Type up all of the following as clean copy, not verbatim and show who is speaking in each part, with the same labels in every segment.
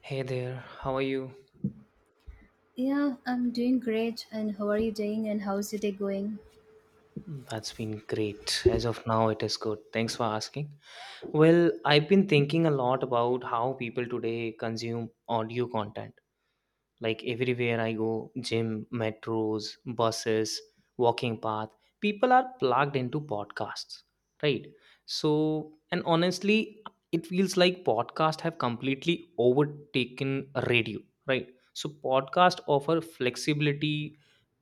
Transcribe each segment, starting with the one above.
Speaker 1: Hey there, how are you?
Speaker 2: Yeah, I'm doing great. And how are you doing? And how's your day going?
Speaker 1: Mm, that's been great. As of now, it is good. Thanks for asking. Well, I've been thinking a lot about how people today consume audio content. Like everywhere I go, gym, metros, buses, walking path, people are plugged into podcasts, right? So and honestly, it feels like podcasts have completely overtaken radio, right? So podcasts offer flexibility,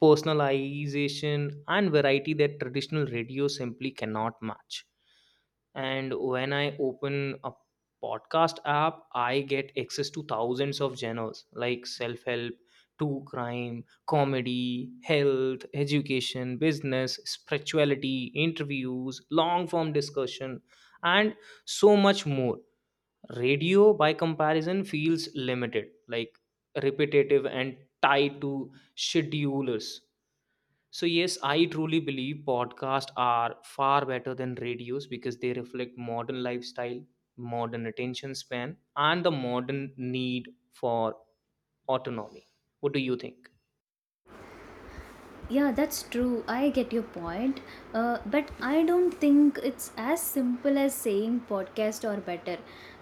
Speaker 1: personalization and variety that traditional radio simply cannot match. And when I open a podcast app, I get access to thousands of genres like self help, true crime, comedy, health, education, business, spirituality, interviews, long form discussion and so much more. Radio by comparison feels limited, like repetitive and tied to schedulers. So, yes, I truly believe podcasts are far better than radios because they reflect modern lifestyle, modern attention span, and the modern need for autonomy. What do you think?
Speaker 2: Yeah, that's true. I get your point. But I don't think it's as simple as saying podcast or better.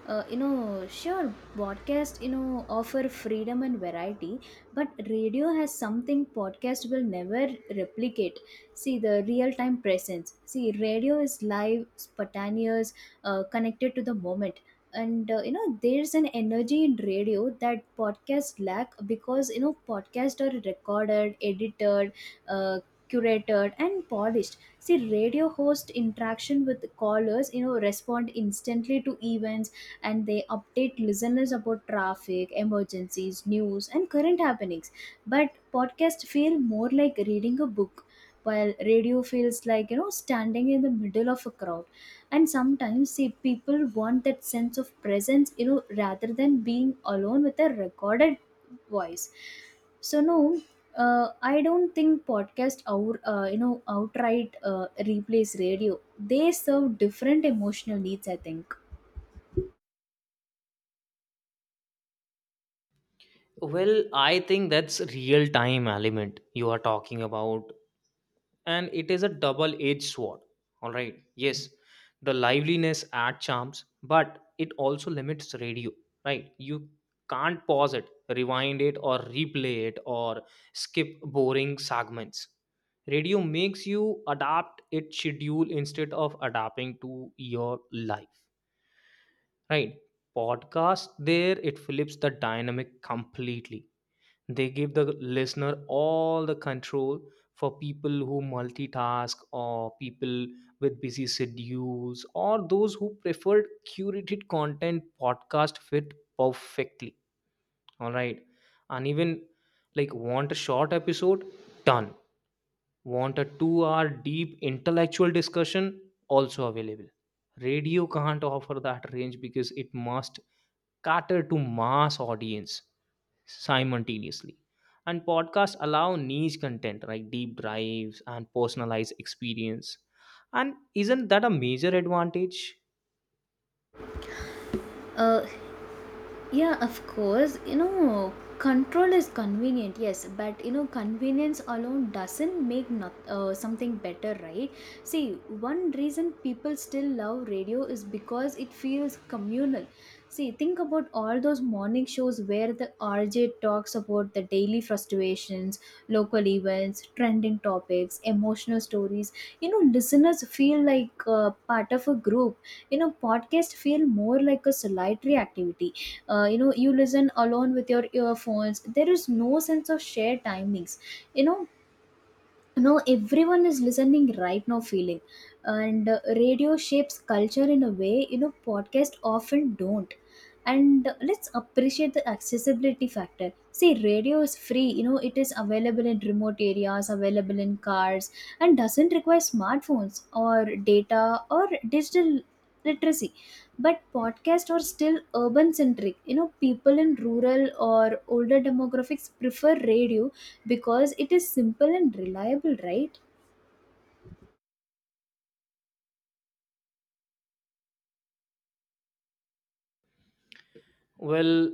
Speaker 2: Sure, podcast, offer freedom and variety, but radio has something podcast will never replicate. See, the real time presence. See, radio is live, spontaneous, connected to the moment. And, there's an energy in radio that podcast lack because podcasts are recorded, edited, uh, curated and polished. See, radio host interaction with callers, respond instantly to events, and they update listeners about traffic emergencies, news and current happenings. But podcasts feel more like reading a book, while radio feels like standing in the middle of a crowd. And sometimes, see, people want that sense of presence, rather than being alone with a recorded voice. So no, I don't think podcast outright replace radio. They serve different emotional needs, I think.
Speaker 1: Well, I think that's real time element you are talking about, and it is a double edged sword. All right, yes, the liveliness add charms but it also limits radio, right? You can't pause it, rewind it or replay it or skip boring segments. Radio makes you adapt its schedule instead of adapting to your life, right? Podcast, there it flips the dynamic completely. They give the listener all the control. For people who multitask or people with busy schedules or those who prefer curated content, podcast fit perfectly. All right, and even like want a short episode? Done. Want a 2 hour deep intellectual discussion? Also available. Radio can't offer that range because it must cater to mass audience simultaneously. And podcasts allow niche content like deep dives and personalized experience. And isn't that a major advantage?
Speaker 2: uh, Yeah, of course. You know, control is convenient, yes, but convenience alone doesn't make not, something better, right? See, one reason people still love radio is because it feels communal. See, think about all those morning shows where the RJ talks about the daily frustrations, local events, trending topics, emotional stories. You know, listeners feel like part of a group. You know, podcasts feel more like a solitary activity. You listen alone with your earphones. There is no sense of shared timings, you know no everyone is listening right now feeling. And radio shapes culture in a way podcast often don't. And let's appreciate the accessibility factor. See, radio is free. It is available in remote areas, available in cars, and doesn't require smartphones or data or digital literacy. But podcasts are still urban centric. People in rural or older demographics prefer radio because it is simple and reliable, right?
Speaker 1: Well,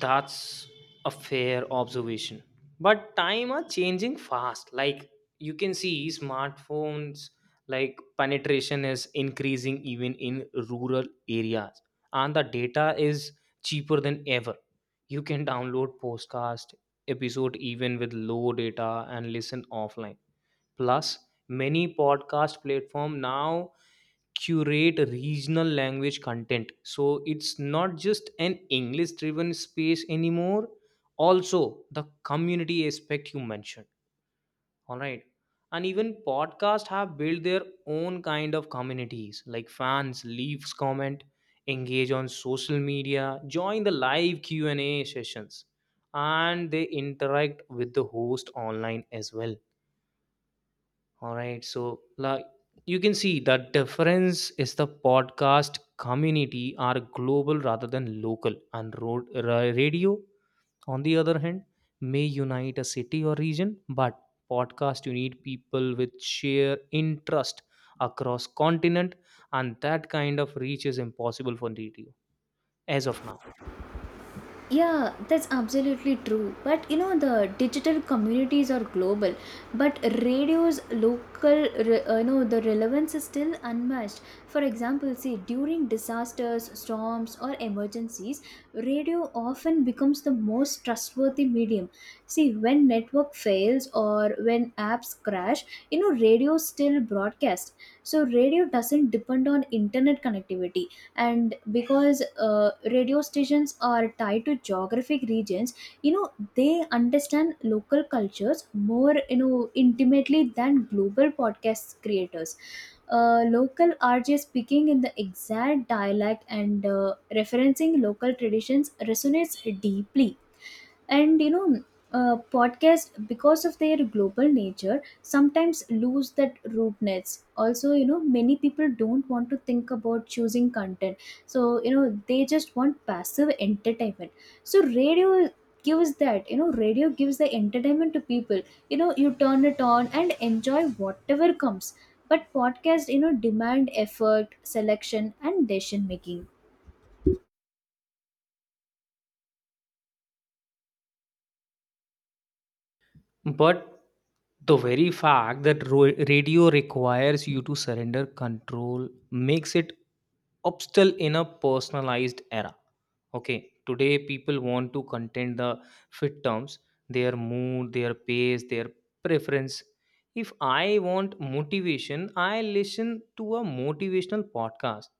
Speaker 1: that's a fair observation. But time are changing fast. Like you can see smartphones, like penetration is increasing even in rural areas, and the data is cheaper than ever. You can download podcast episode even with low data and listen offline. Plus many podcast platform now curate regional language content, so it's not just an English driven space anymore. Also, the community aspect you mentioned, all right, and even podcasts have built their own kind of communities like fans leaves comment, engage on social media, join the live q&a sessions, and they interact with the host online as well. All right. So, like, you can see the difference is the podcast community are global rather than local, and road, radio, on the other hand, may unite a city or region, but podcast you need people with share interest across continent, and that kind of reach is impossible for radio as of now.
Speaker 2: Yeah, that's absolutely true. But you know, the digital communities are global, but radio's local, the relevance is still unmatched. For example, see, during disasters, storms, or emergencies, radio often becomes the most trustworthy medium. See, when network fails or when apps crash, radio still broadcasts. So, radio doesn't depend on internet connectivity. And because radio stations are tied to geographic regions, they understand local cultures more, intimately than global podcast creators. Local RJ speaking in the exact dialect and referencing local traditions resonates deeply. And podcast, because of their global nature, sometimes lose that rootness. Also, many people don't want to think about choosing content, so they just want passive entertainment. So radio gives that. Radio gives the entertainment to people. You turn it on and enjoy whatever comes. But podcast, demand effort, selection and decision making.
Speaker 1: But the very fact that ro- radio requires you to surrender control makes it obstacle in a personalized era. Okay, today people want to contain the fit terms, their mood, their pace, their preference. If I want motivation, I listen to a motivational podcast.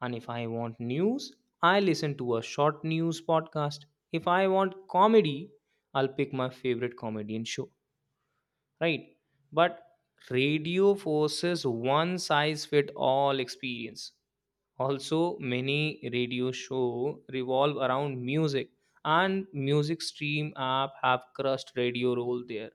Speaker 1: And if I want news, I listen to a short news podcast. If I want comedy, I'll pick my favorite comedian show, right? But radio forces one size fit all experience. Also many radio show revolve around music, and music stream app have crushed radio role there.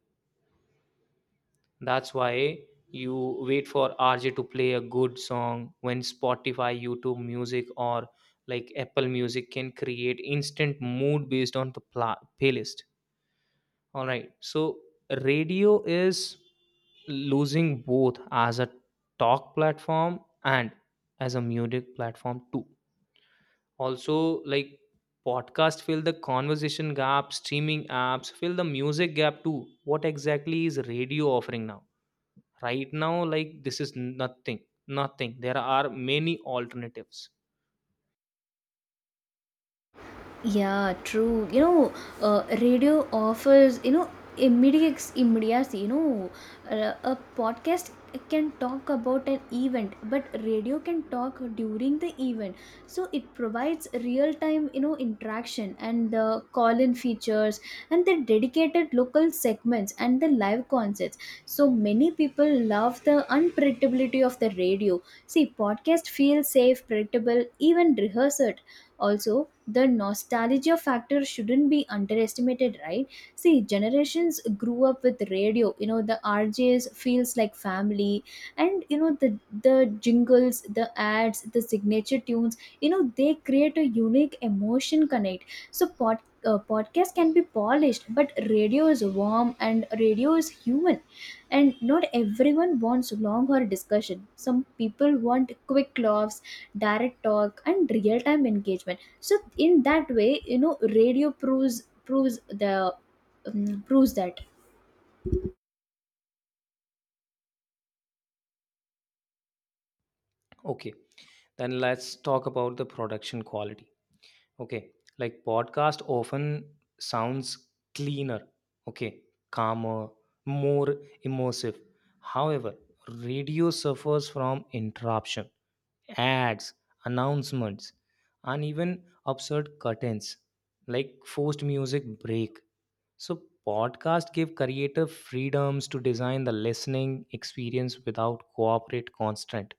Speaker 1: That's why you wait for RJ to play a good song when Spotify, YouTube Music or like Apple Music can create instant mood based on the playlist. All right. So radio is losing both as a talk platform and as a music platform too. Also, like podcast fill the conversation gap, streaming apps fill the music gap too. What exactly is radio offering now? Right now, like this is nothing. Nothing. There are many alternatives.
Speaker 2: Yeah, true. Radio offers, immediate immediacy. A podcast can talk about an event, but radio can talk during the event. So it provides real time, interaction and the call in features and the dedicated local segments and the live concerts. So many people love the unpredictability of the radio. See, podcast feels safe, predictable, even rehearsed. Also, the nostalgia factor shouldn't be underestimated, right? See, generations grew up with radio. You know, the RJs feels like family, and you know, the jingles, the ads, the signature tunes. You know, they create a unique emotion connect. So, podcast can be polished, but radio is warm and radio is human. And not everyone wants long or discussion. Some people want quick laughs, direct talk and real time engagement. So in that way, radio proves the proves that.
Speaker 1: Okay. Then let's talk about the production quality. Okay, like podcast often sounds cleaner, okay, calmer, more immersive. However, radio suffers from interruption, ads, announcements, and even absurd curtains, like forced music break. So podcast give creative freedoms to design the listening experience without corporate constraint.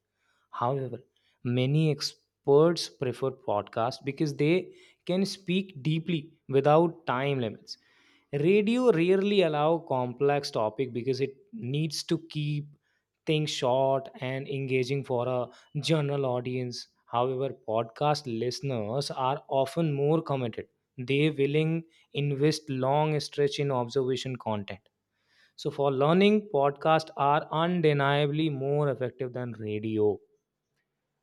Speaker 1: However, many experts prefer podcasts because they can speak deeply without time limits. Radio rarely allow complex topic because it needs to keep things short and engaging for a general audience. However, podcast listeners are often more committed. They willing invest long stretch in observation content. So for learning, podcasts are undeniably more effective than radio,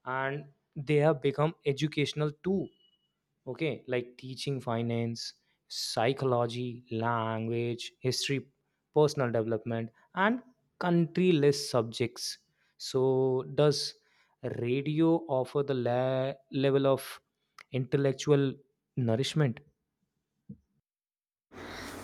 Speaker 1: and they have become educational too. Okay, like teaching finance, psychology, language, history, personal development and country list subjects. So does radio offer the level of intellectual nourishment?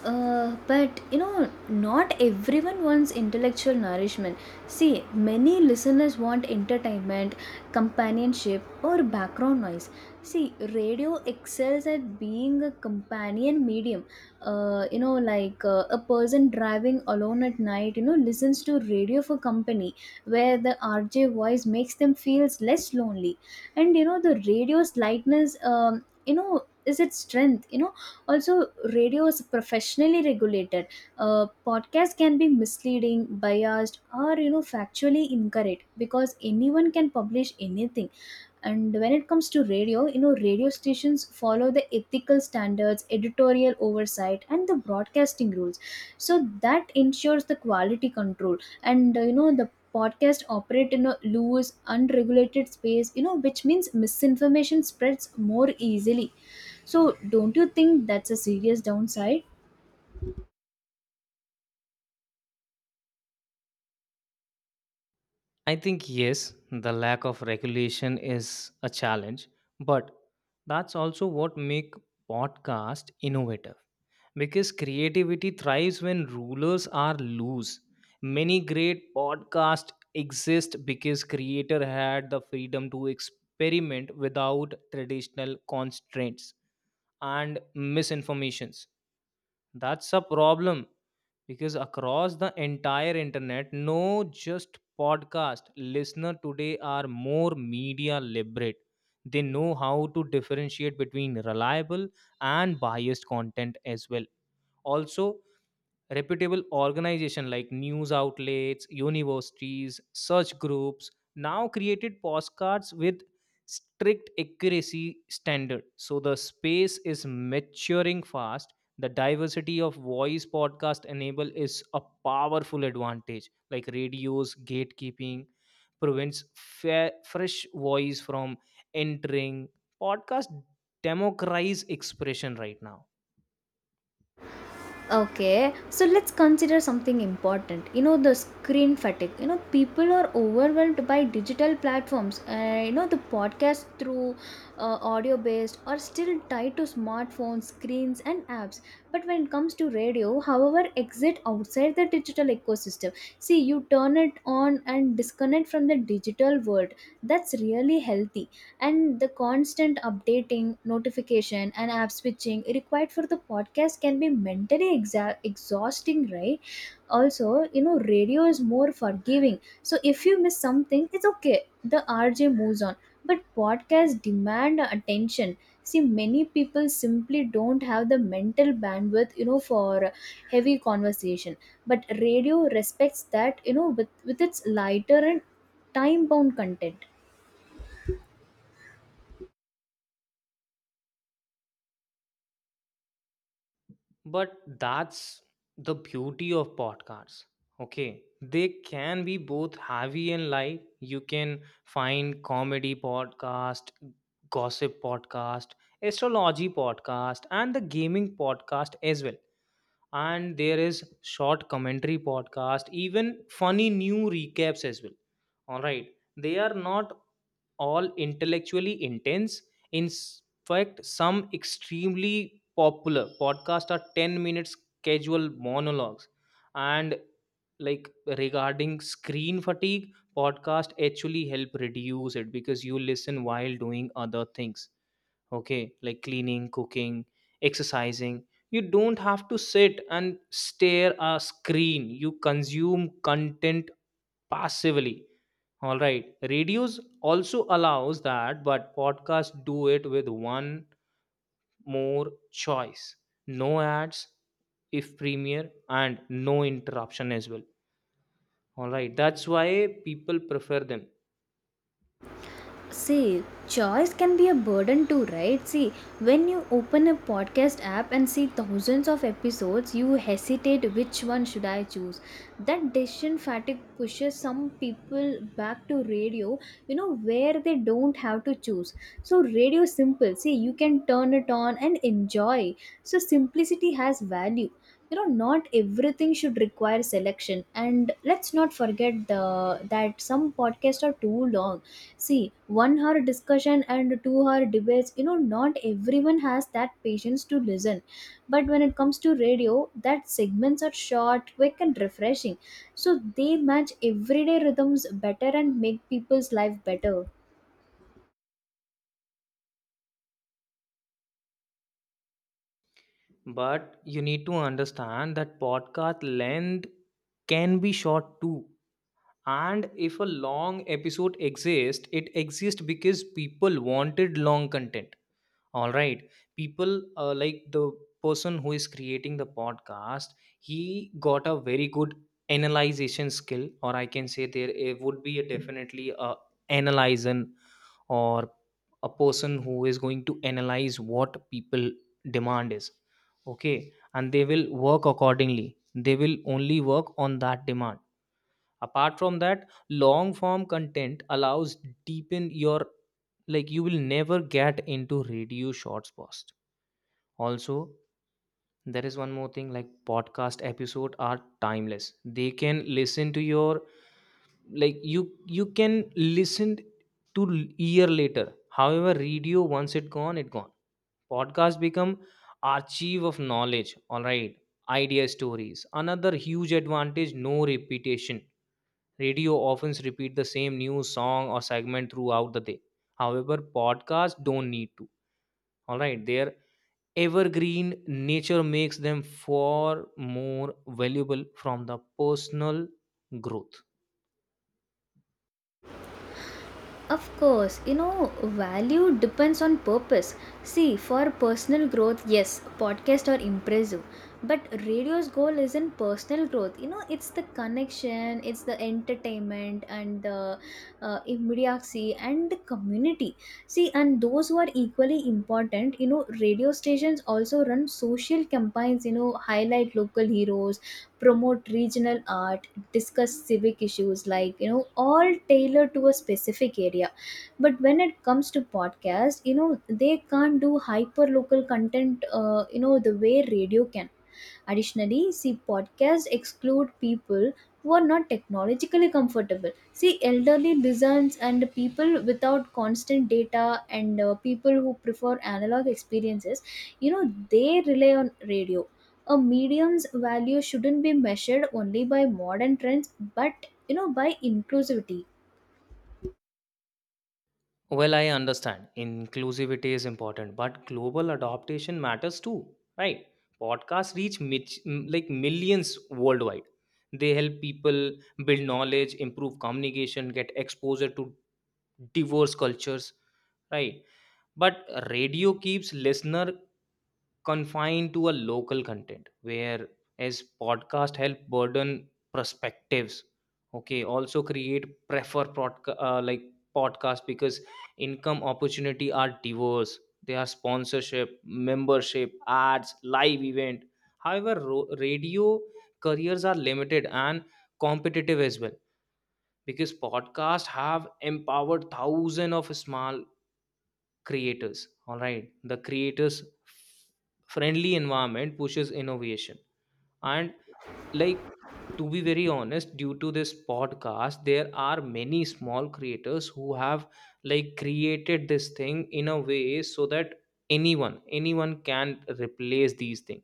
Speaker 2: But you know, not everyone wants intellectual nourishment. See, many listeners want entertainment, companionship, or background noise. See, radio excels at being a companion medium. A person driving alone at night, listens to radio for company, where the RJ voice makes them feels less lonely. And you know, the radio's lightness, you know, is its strength. You know, also, radio is professionally regulated. Podcast can be misleading, biased, or factually incorrect because anyone can publish anything. And when it comes to radio, radio stations follow the ethical standards, editorial oversight and the broadcasting rules. So that ensures the quality control. And uh, you know the podcast operate in a loose unregulated space, which means misinformation spreads more easily. So don't you think that's a serious downside?
Speaker 1: I think yes, the lack of regulation is a challenge, but that's also what make podcast innovative, because creativity thrives when rulers are loose. Many great podcasts exist because creator had the freedom to experiment without traditional constraints. And misinformations, that's a problem, because across the entire internet, no just podcast listener today are more media literate. They know how to differentiate between reliable and biased content as well. Also, reputable organization like news outlets, universities, search groups now created postcards with strict accuracy standard. So the space is maturing fast. The diversity of voice podcast enable is a powerful advantage. Like radios, gatekeeping prevents fresh voice from entering. Podcast democratize expression right now.
Speaker 2: Okay, so let's consider something important. You know, the screen fatigue. You know, people are overwhelmed by digital platforms. The podcast, through audio based, are still tied to smartphones, screens, and apps. But when it comes to radio, however, exit outside the digital ecosystem. See, you turn it on and disconnect from the digital world. That's really healthy. And the constant updating notification and app switching required for the podcast can be mentally exhausting, right? Also, radio is more forgiving. So if you miss something, it's okay, the RJ moves on. But podcasts demand attention. See, many people simply don't have the mental bandwidth, for heavy conversation. But radio respects that, with its lighter and time bound content.
Speaker 1: But that's the beauty of podcasts. Okay. They can be both heavy and light. You can find comedy podcast, gossip podcast, astrology podcast, and the gaming podcast as well. And there is short commentary podcast, even funny new recaps as well. All right. They are not all intellectually intense. In fact, some extremely popular podcasts are 10 minutes casual monologues. And like regarding screen fatigue, podcast actually help reduce it because you listen while doing other things. Okay, like cleaning, cooking, exercising. You don't have to sit and stare a screen, you consume content passively. All right, radios also allows that, but podcasts do it with one more choice, no ads if premiere and no interruption as well. All right, that's why people prefer them.
Speaker 2: See, choice can be a burden too, right? See, when you open a podcast app and see thousands of episodes, you hesitate which one should I choose. That decision fatigue pushes some people back to radio, you know, where they don't have to choose. So, radio is simple. See, you can turn it on and enjoy. So, simplicity has value. You know, not everything should require selection. And let's not forget that some podcasts are too long. See, 1 hour discussion and 2 hour debates, not everyone has that patience to listen. But when it comes to radio, that segments are short, quick and refreshing, so they match everyday rhythms better and make people's life better.
Speaker 1: But you need to understand that podcast length can be short too. And if a long episode exists, it exists because people wanted long content. All right. People like the person who is creating the podcast, he got a very good analyzation skill, or I can say there it would be a definitely a analyzer or a person who is going to analyze what people demand is. Okay. And they will work accordingly. They will only work on that demand. Apart from that, long form content allows deepen your, like you will never get into radio shorts post. Also, there is one more thing, like podcast episode are timeless, they can listen to your, like you can listen to year later. However, radio once it gone, it gone. Podcast become archive of knowledge. All right, idea stories another huge advantage, no repetition. Radio often repeat the same news, song, or segment throughout the day. However, podcasts don't need to. All right, their evergreen nature makes them far more valuable from the personal growth.
Speaker 2: Of course, you know, value depends on purpose. See, for personal growth, yes, podcasts are impressive. But radio's goal isn't personal growth. You know, it's the connection, it's the entertainment, and the immediacy, and the community. See, and those who are equally important, you know, radio stations also run social campaigns, you know, highlight local heroes, promote regional art, discuss civic issues, like, you know, all tailored to a specific area. But when it comes to podcast, you know, they can't do hyper local content, you know, the way radio can. Additionally, see, podcasts exclude people who are not technologically comfortable. See, elderly lizards and people without constant data, and people who prefer analog experiences, you know, they rely on radio. A medium's value shouldn't be measured only by modern trends, but you know, by inclusivity.
Speaker 1: Well, I understand inclusivity is important, but global adaptation matters too, right? Podcasts reach like millions worldwide. They help people build knowledge, improve communication, get exposure to divorce cultures, right? But radio keeps listener confined to a local content where as podcast help burden perspectives. Okay, also create prefer like podcast because income opportunity are diverse. They are sponsorship, membership, ads, live event. However, radio careers are limited and competitive as well, because podcasts have empowered thousands of small creators. All right, the creators friendly environment pushes innovation. And like, to be very honest, due to this podcast, there are many small creators who have like created this thing in a way so that anyone, anyone can replace these things.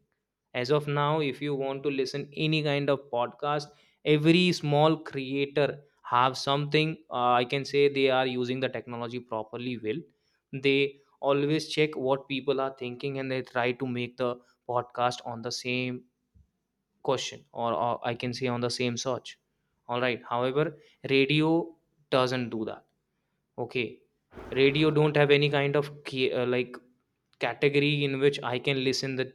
Speaker 1: As of now, if you want to listen any kind of podcast, every small creator have something. I can say they are using the technology properly. Well, they always check what people are thinking and they try to make the podcast on the same question or I can say on the same search. All right, however, radio doesn't do that. Okay, radio don't have any kind of key, like category in which I can listen the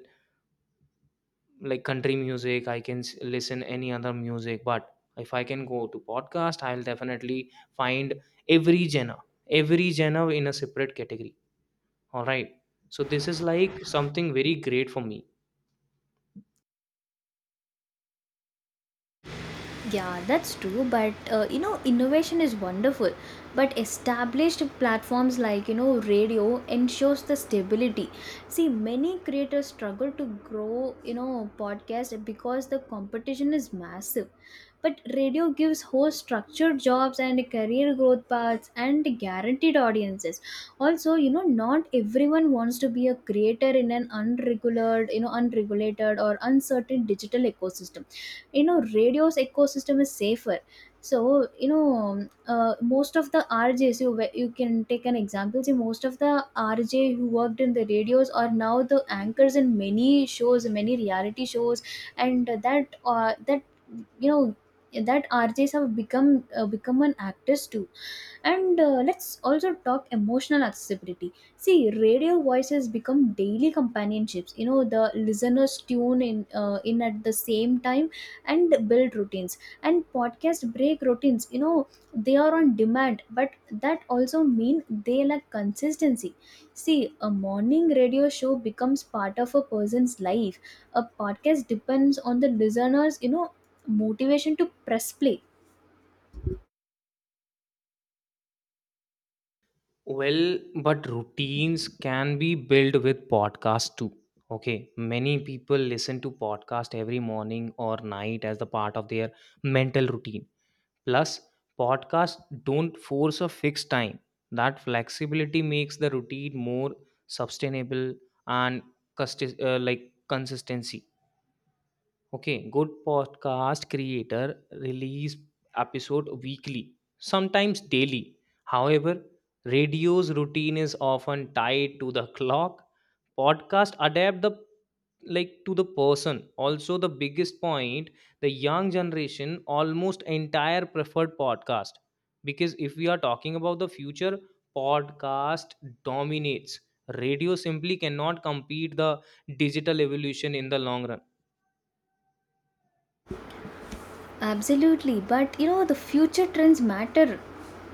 Speaker 1: like country music, I can listen any other music. But if I can go to podcast, I'll definitely find every genre, every genre in a separate category. All right, so this is like something very great for me.
Speaker 2: Yeah, that's true. But you know, innovation is wonderful. But established platforms like, you know, radio ensures the stability. See, many creators struggle to grow, you know, podcast because the competition is massive. But radio gives host structured jobs and career growth paths and guaranteed audiences. Also, you know, not everyone wants to be a creator in an unregulated, you know, unregulated or uncertain digital ecosystem. You know, radio's ecosystem is safer. So you know, most of the RJs, you can take an example. See, most of the RJ who worked in the radios are now the anchors in many shows, many reality shows. And that that you know that RJs have become, become an actors too. And let's also talk emotional accessibility. See, radio voices become daily companionships. You know, the listeners tune in, at the same time and build routines. And podcast break routines, you know. They are on demand, but that also mean they lack consistency. See, a morning radio show becomes part of a person's life. A podcast depends on the listeners, you know, motivation to press play.
Speaker 1: Well, but routines can be built with podcast too. Okay, many people listen to podcast every morning or night as the part of their mental routine. Plus, podcasts don't force a fixed time. That flexibility makes the routine more sustainable and like consistency. Okay, good podcast creator release episode weekly, sometimes daily. However, radio's routine is often tied to the clock. Podcast adapt the like to the person. Also, the biggest point, the young generation almost entire preferred podcast, because if we are talking about the future, podcast dominates. Radio simply cannot compete the digital evolution in the long run.
Speaker 2: Absolutely, but you know the future trends matter.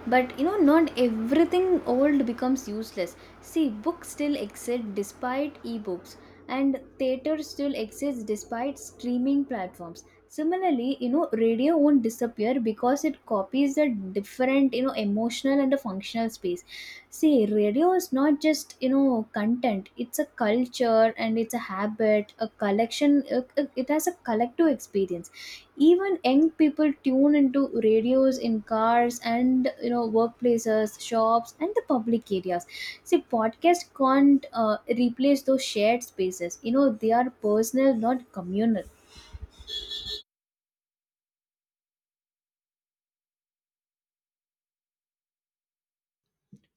Speaker 2: But you know, not everything old becomes useless. See, books still exist despite ebooks, and theater still exists despite streaming platforms. Similarly, you know, radio won't disappear because it copies a different, you know, emotional and a functional space. See, radio is not just, you know, content. It's a culture and it's a habit, a collection. It has a collective experience. Even young people tune into radios in cars, and you know, workplaces, shops and the public areas. See, podcasts can't replace those shared spaces. You know, they are personal, not communal.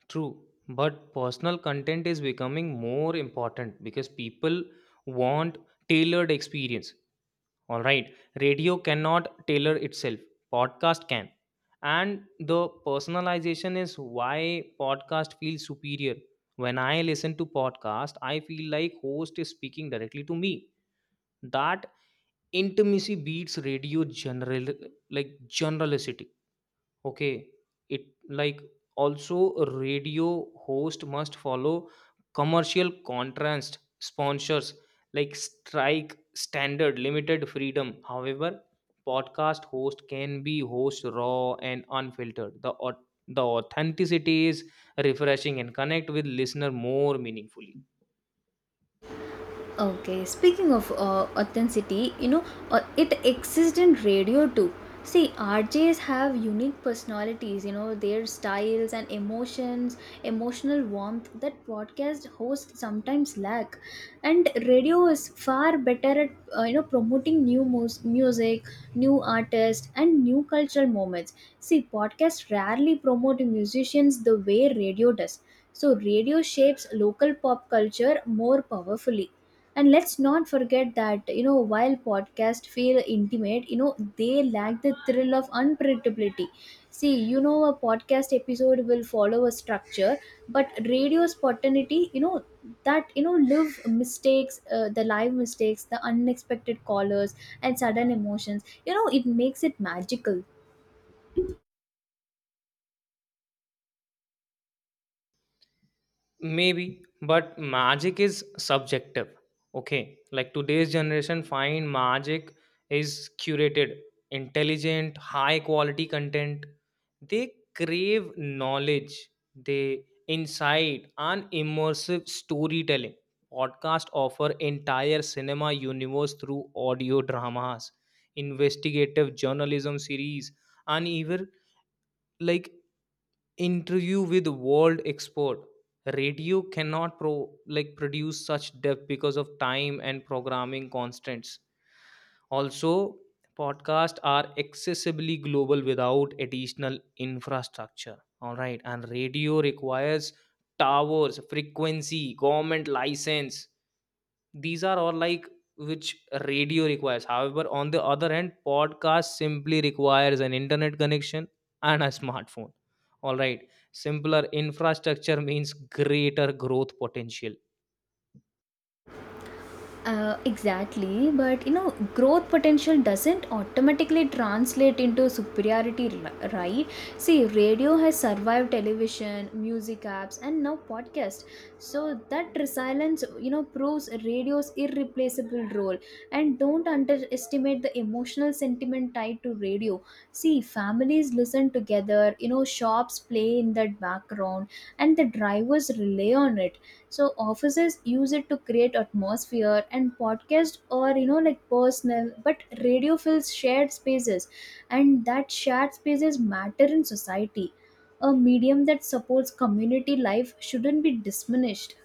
Speaker 1: True, but personal content is becoming more important because people want tailored experience. All right, radio cannot tailor itself, podcast can. And the personalization is why podcast feels superior. When I listen to podcast, I feel like host is speaking directly to me. That intimacy beats radio general like generality. Okay, it like also radio host must follow commercial contrast sponsors like strike standard limited freedom. However, podcast host can be host raw and unfiltered. The authenticity is refreshing and connect with listener more meaningfully.
Speaker 2: Okay, speaking of authenticity, you know, it exists in radio too. See, RJs have unique personalities, you know, their styles and emotions, emotional warmth that podcast hosts sometimes lack. And radio is far better at, you know, promoting new music, new artists, and new cultural moments. See, podcasts rarely promote musicians the way radio does. So, radio shapes local pop culture more powerfully. And let's not forget that, you know, while podcasts feel intimate, you know, they lack the thrill of unpredictability. See, you know, a podcast episode will follow a structure, but radio spontaneity, you know, that, you know, live mistakes, the unexpected callers and sudden emotions, you know, it makes it magical.
Speaker 1: Maybe, but magic is subjective. Okay, like today's generation find magic is curated, intelligent, high quality content. They crave knowledge, they insight and immersive storytelling. Podcast offer entire cinema universe through audio dramas, investigative journalism series, and even like interview with world expert. Radio cannot pro like produce such depth because of time and programming constraints. Also, podcasts are accessibly global without additional infrastructure. All right, and radio requires towers, frequency, government license, these are all like which radio requires. However, on the other hand, podcast simply requires an internet connection and a smartphone. All right, simpler infrastructure means greater growth potential.
Speaker 2: Exactly, but you know, growth potential doesn't automatically translate into superiority, right? See, radio has survived television, music apps, and now podcast. So that resilience, you know, proves radio's irreplaceable role. And don't underestimate the emotional sentiment tied to radio. See, families listen together, you know, shops play in that background, and the drivers rely on it. So offices use it to create atmosphere, and podcast or you know, like personal, but radio fills shared spaces, and that shared spaces matter in society. A medium that supports community life shouldn't be diminished.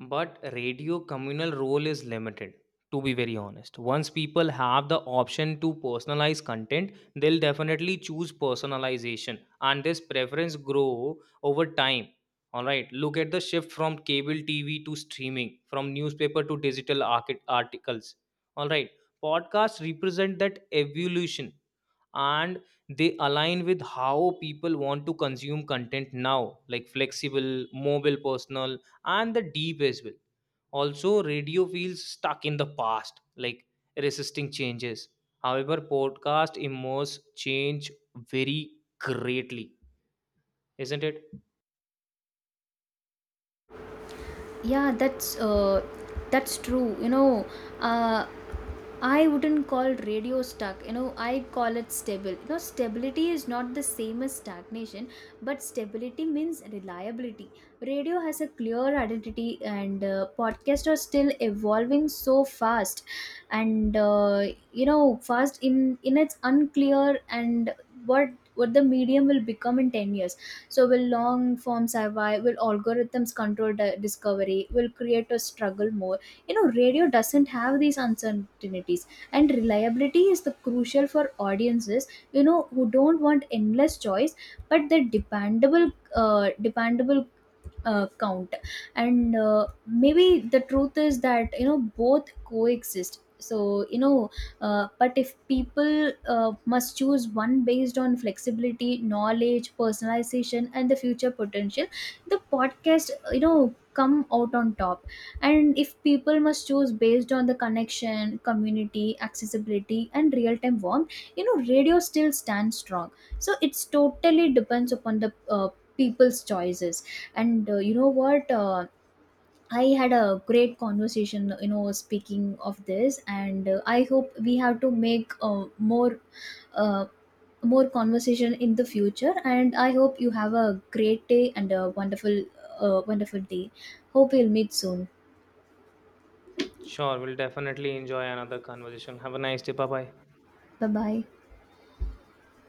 Speaker 1: But radio communal role is limited, to be very honest. Once people have the option to personalize content, they'll definitely choose personalization, and this preference grow over time. All right, look at the shift from cable TV to streaming, from newspaper to digital articles. All right, podcasts represent that evolution, and they align with how people want to consume content now, like flexible, mobile, personal and the deep as well. Also radio feels stuck in the past, like resisting changes. However, podcast immerse change very greatly, isn't it?
Speaker 2: Yeah, that's true, you know. uh, I wouldn't call radio stuck. You know, I call it stable. You know, stability is not the same as stagnation, but stability means reliability. Radio has a clear identity, and podcasts are still evolving so fast, and you know, fast in its unclear and what what the medium will become in 10 years. So will long form survive, will algorithms control discovery, will creators struggle more? You know, radio doesn't have these uncertainties, and reliability is the crucial for audiences, you know, who don't want endless choice, but the dependable. Count. And maybe the truth is that, you know, both coexist. So you know uh, but if people, must choose one based on flexibility, knowledge, personalization and the future potential, the podcast, you know, come out on top. And if people must choose based on the connection, community, accessibility and real time warmth, you know, radio still stands strong. So it's totally depends upon the people's choices. And what? I had a great conversation, you know, speaking of this, and I hope we have to make uh, more conversation in the future. And I hope you have a great day and a wonderful, wonderful day. Hope we'll meet soon.
Speaker 1: Sure, we'll definitely enjoy another conversation. Have a nice day, bye bye.
Speaker 2: Bye bye.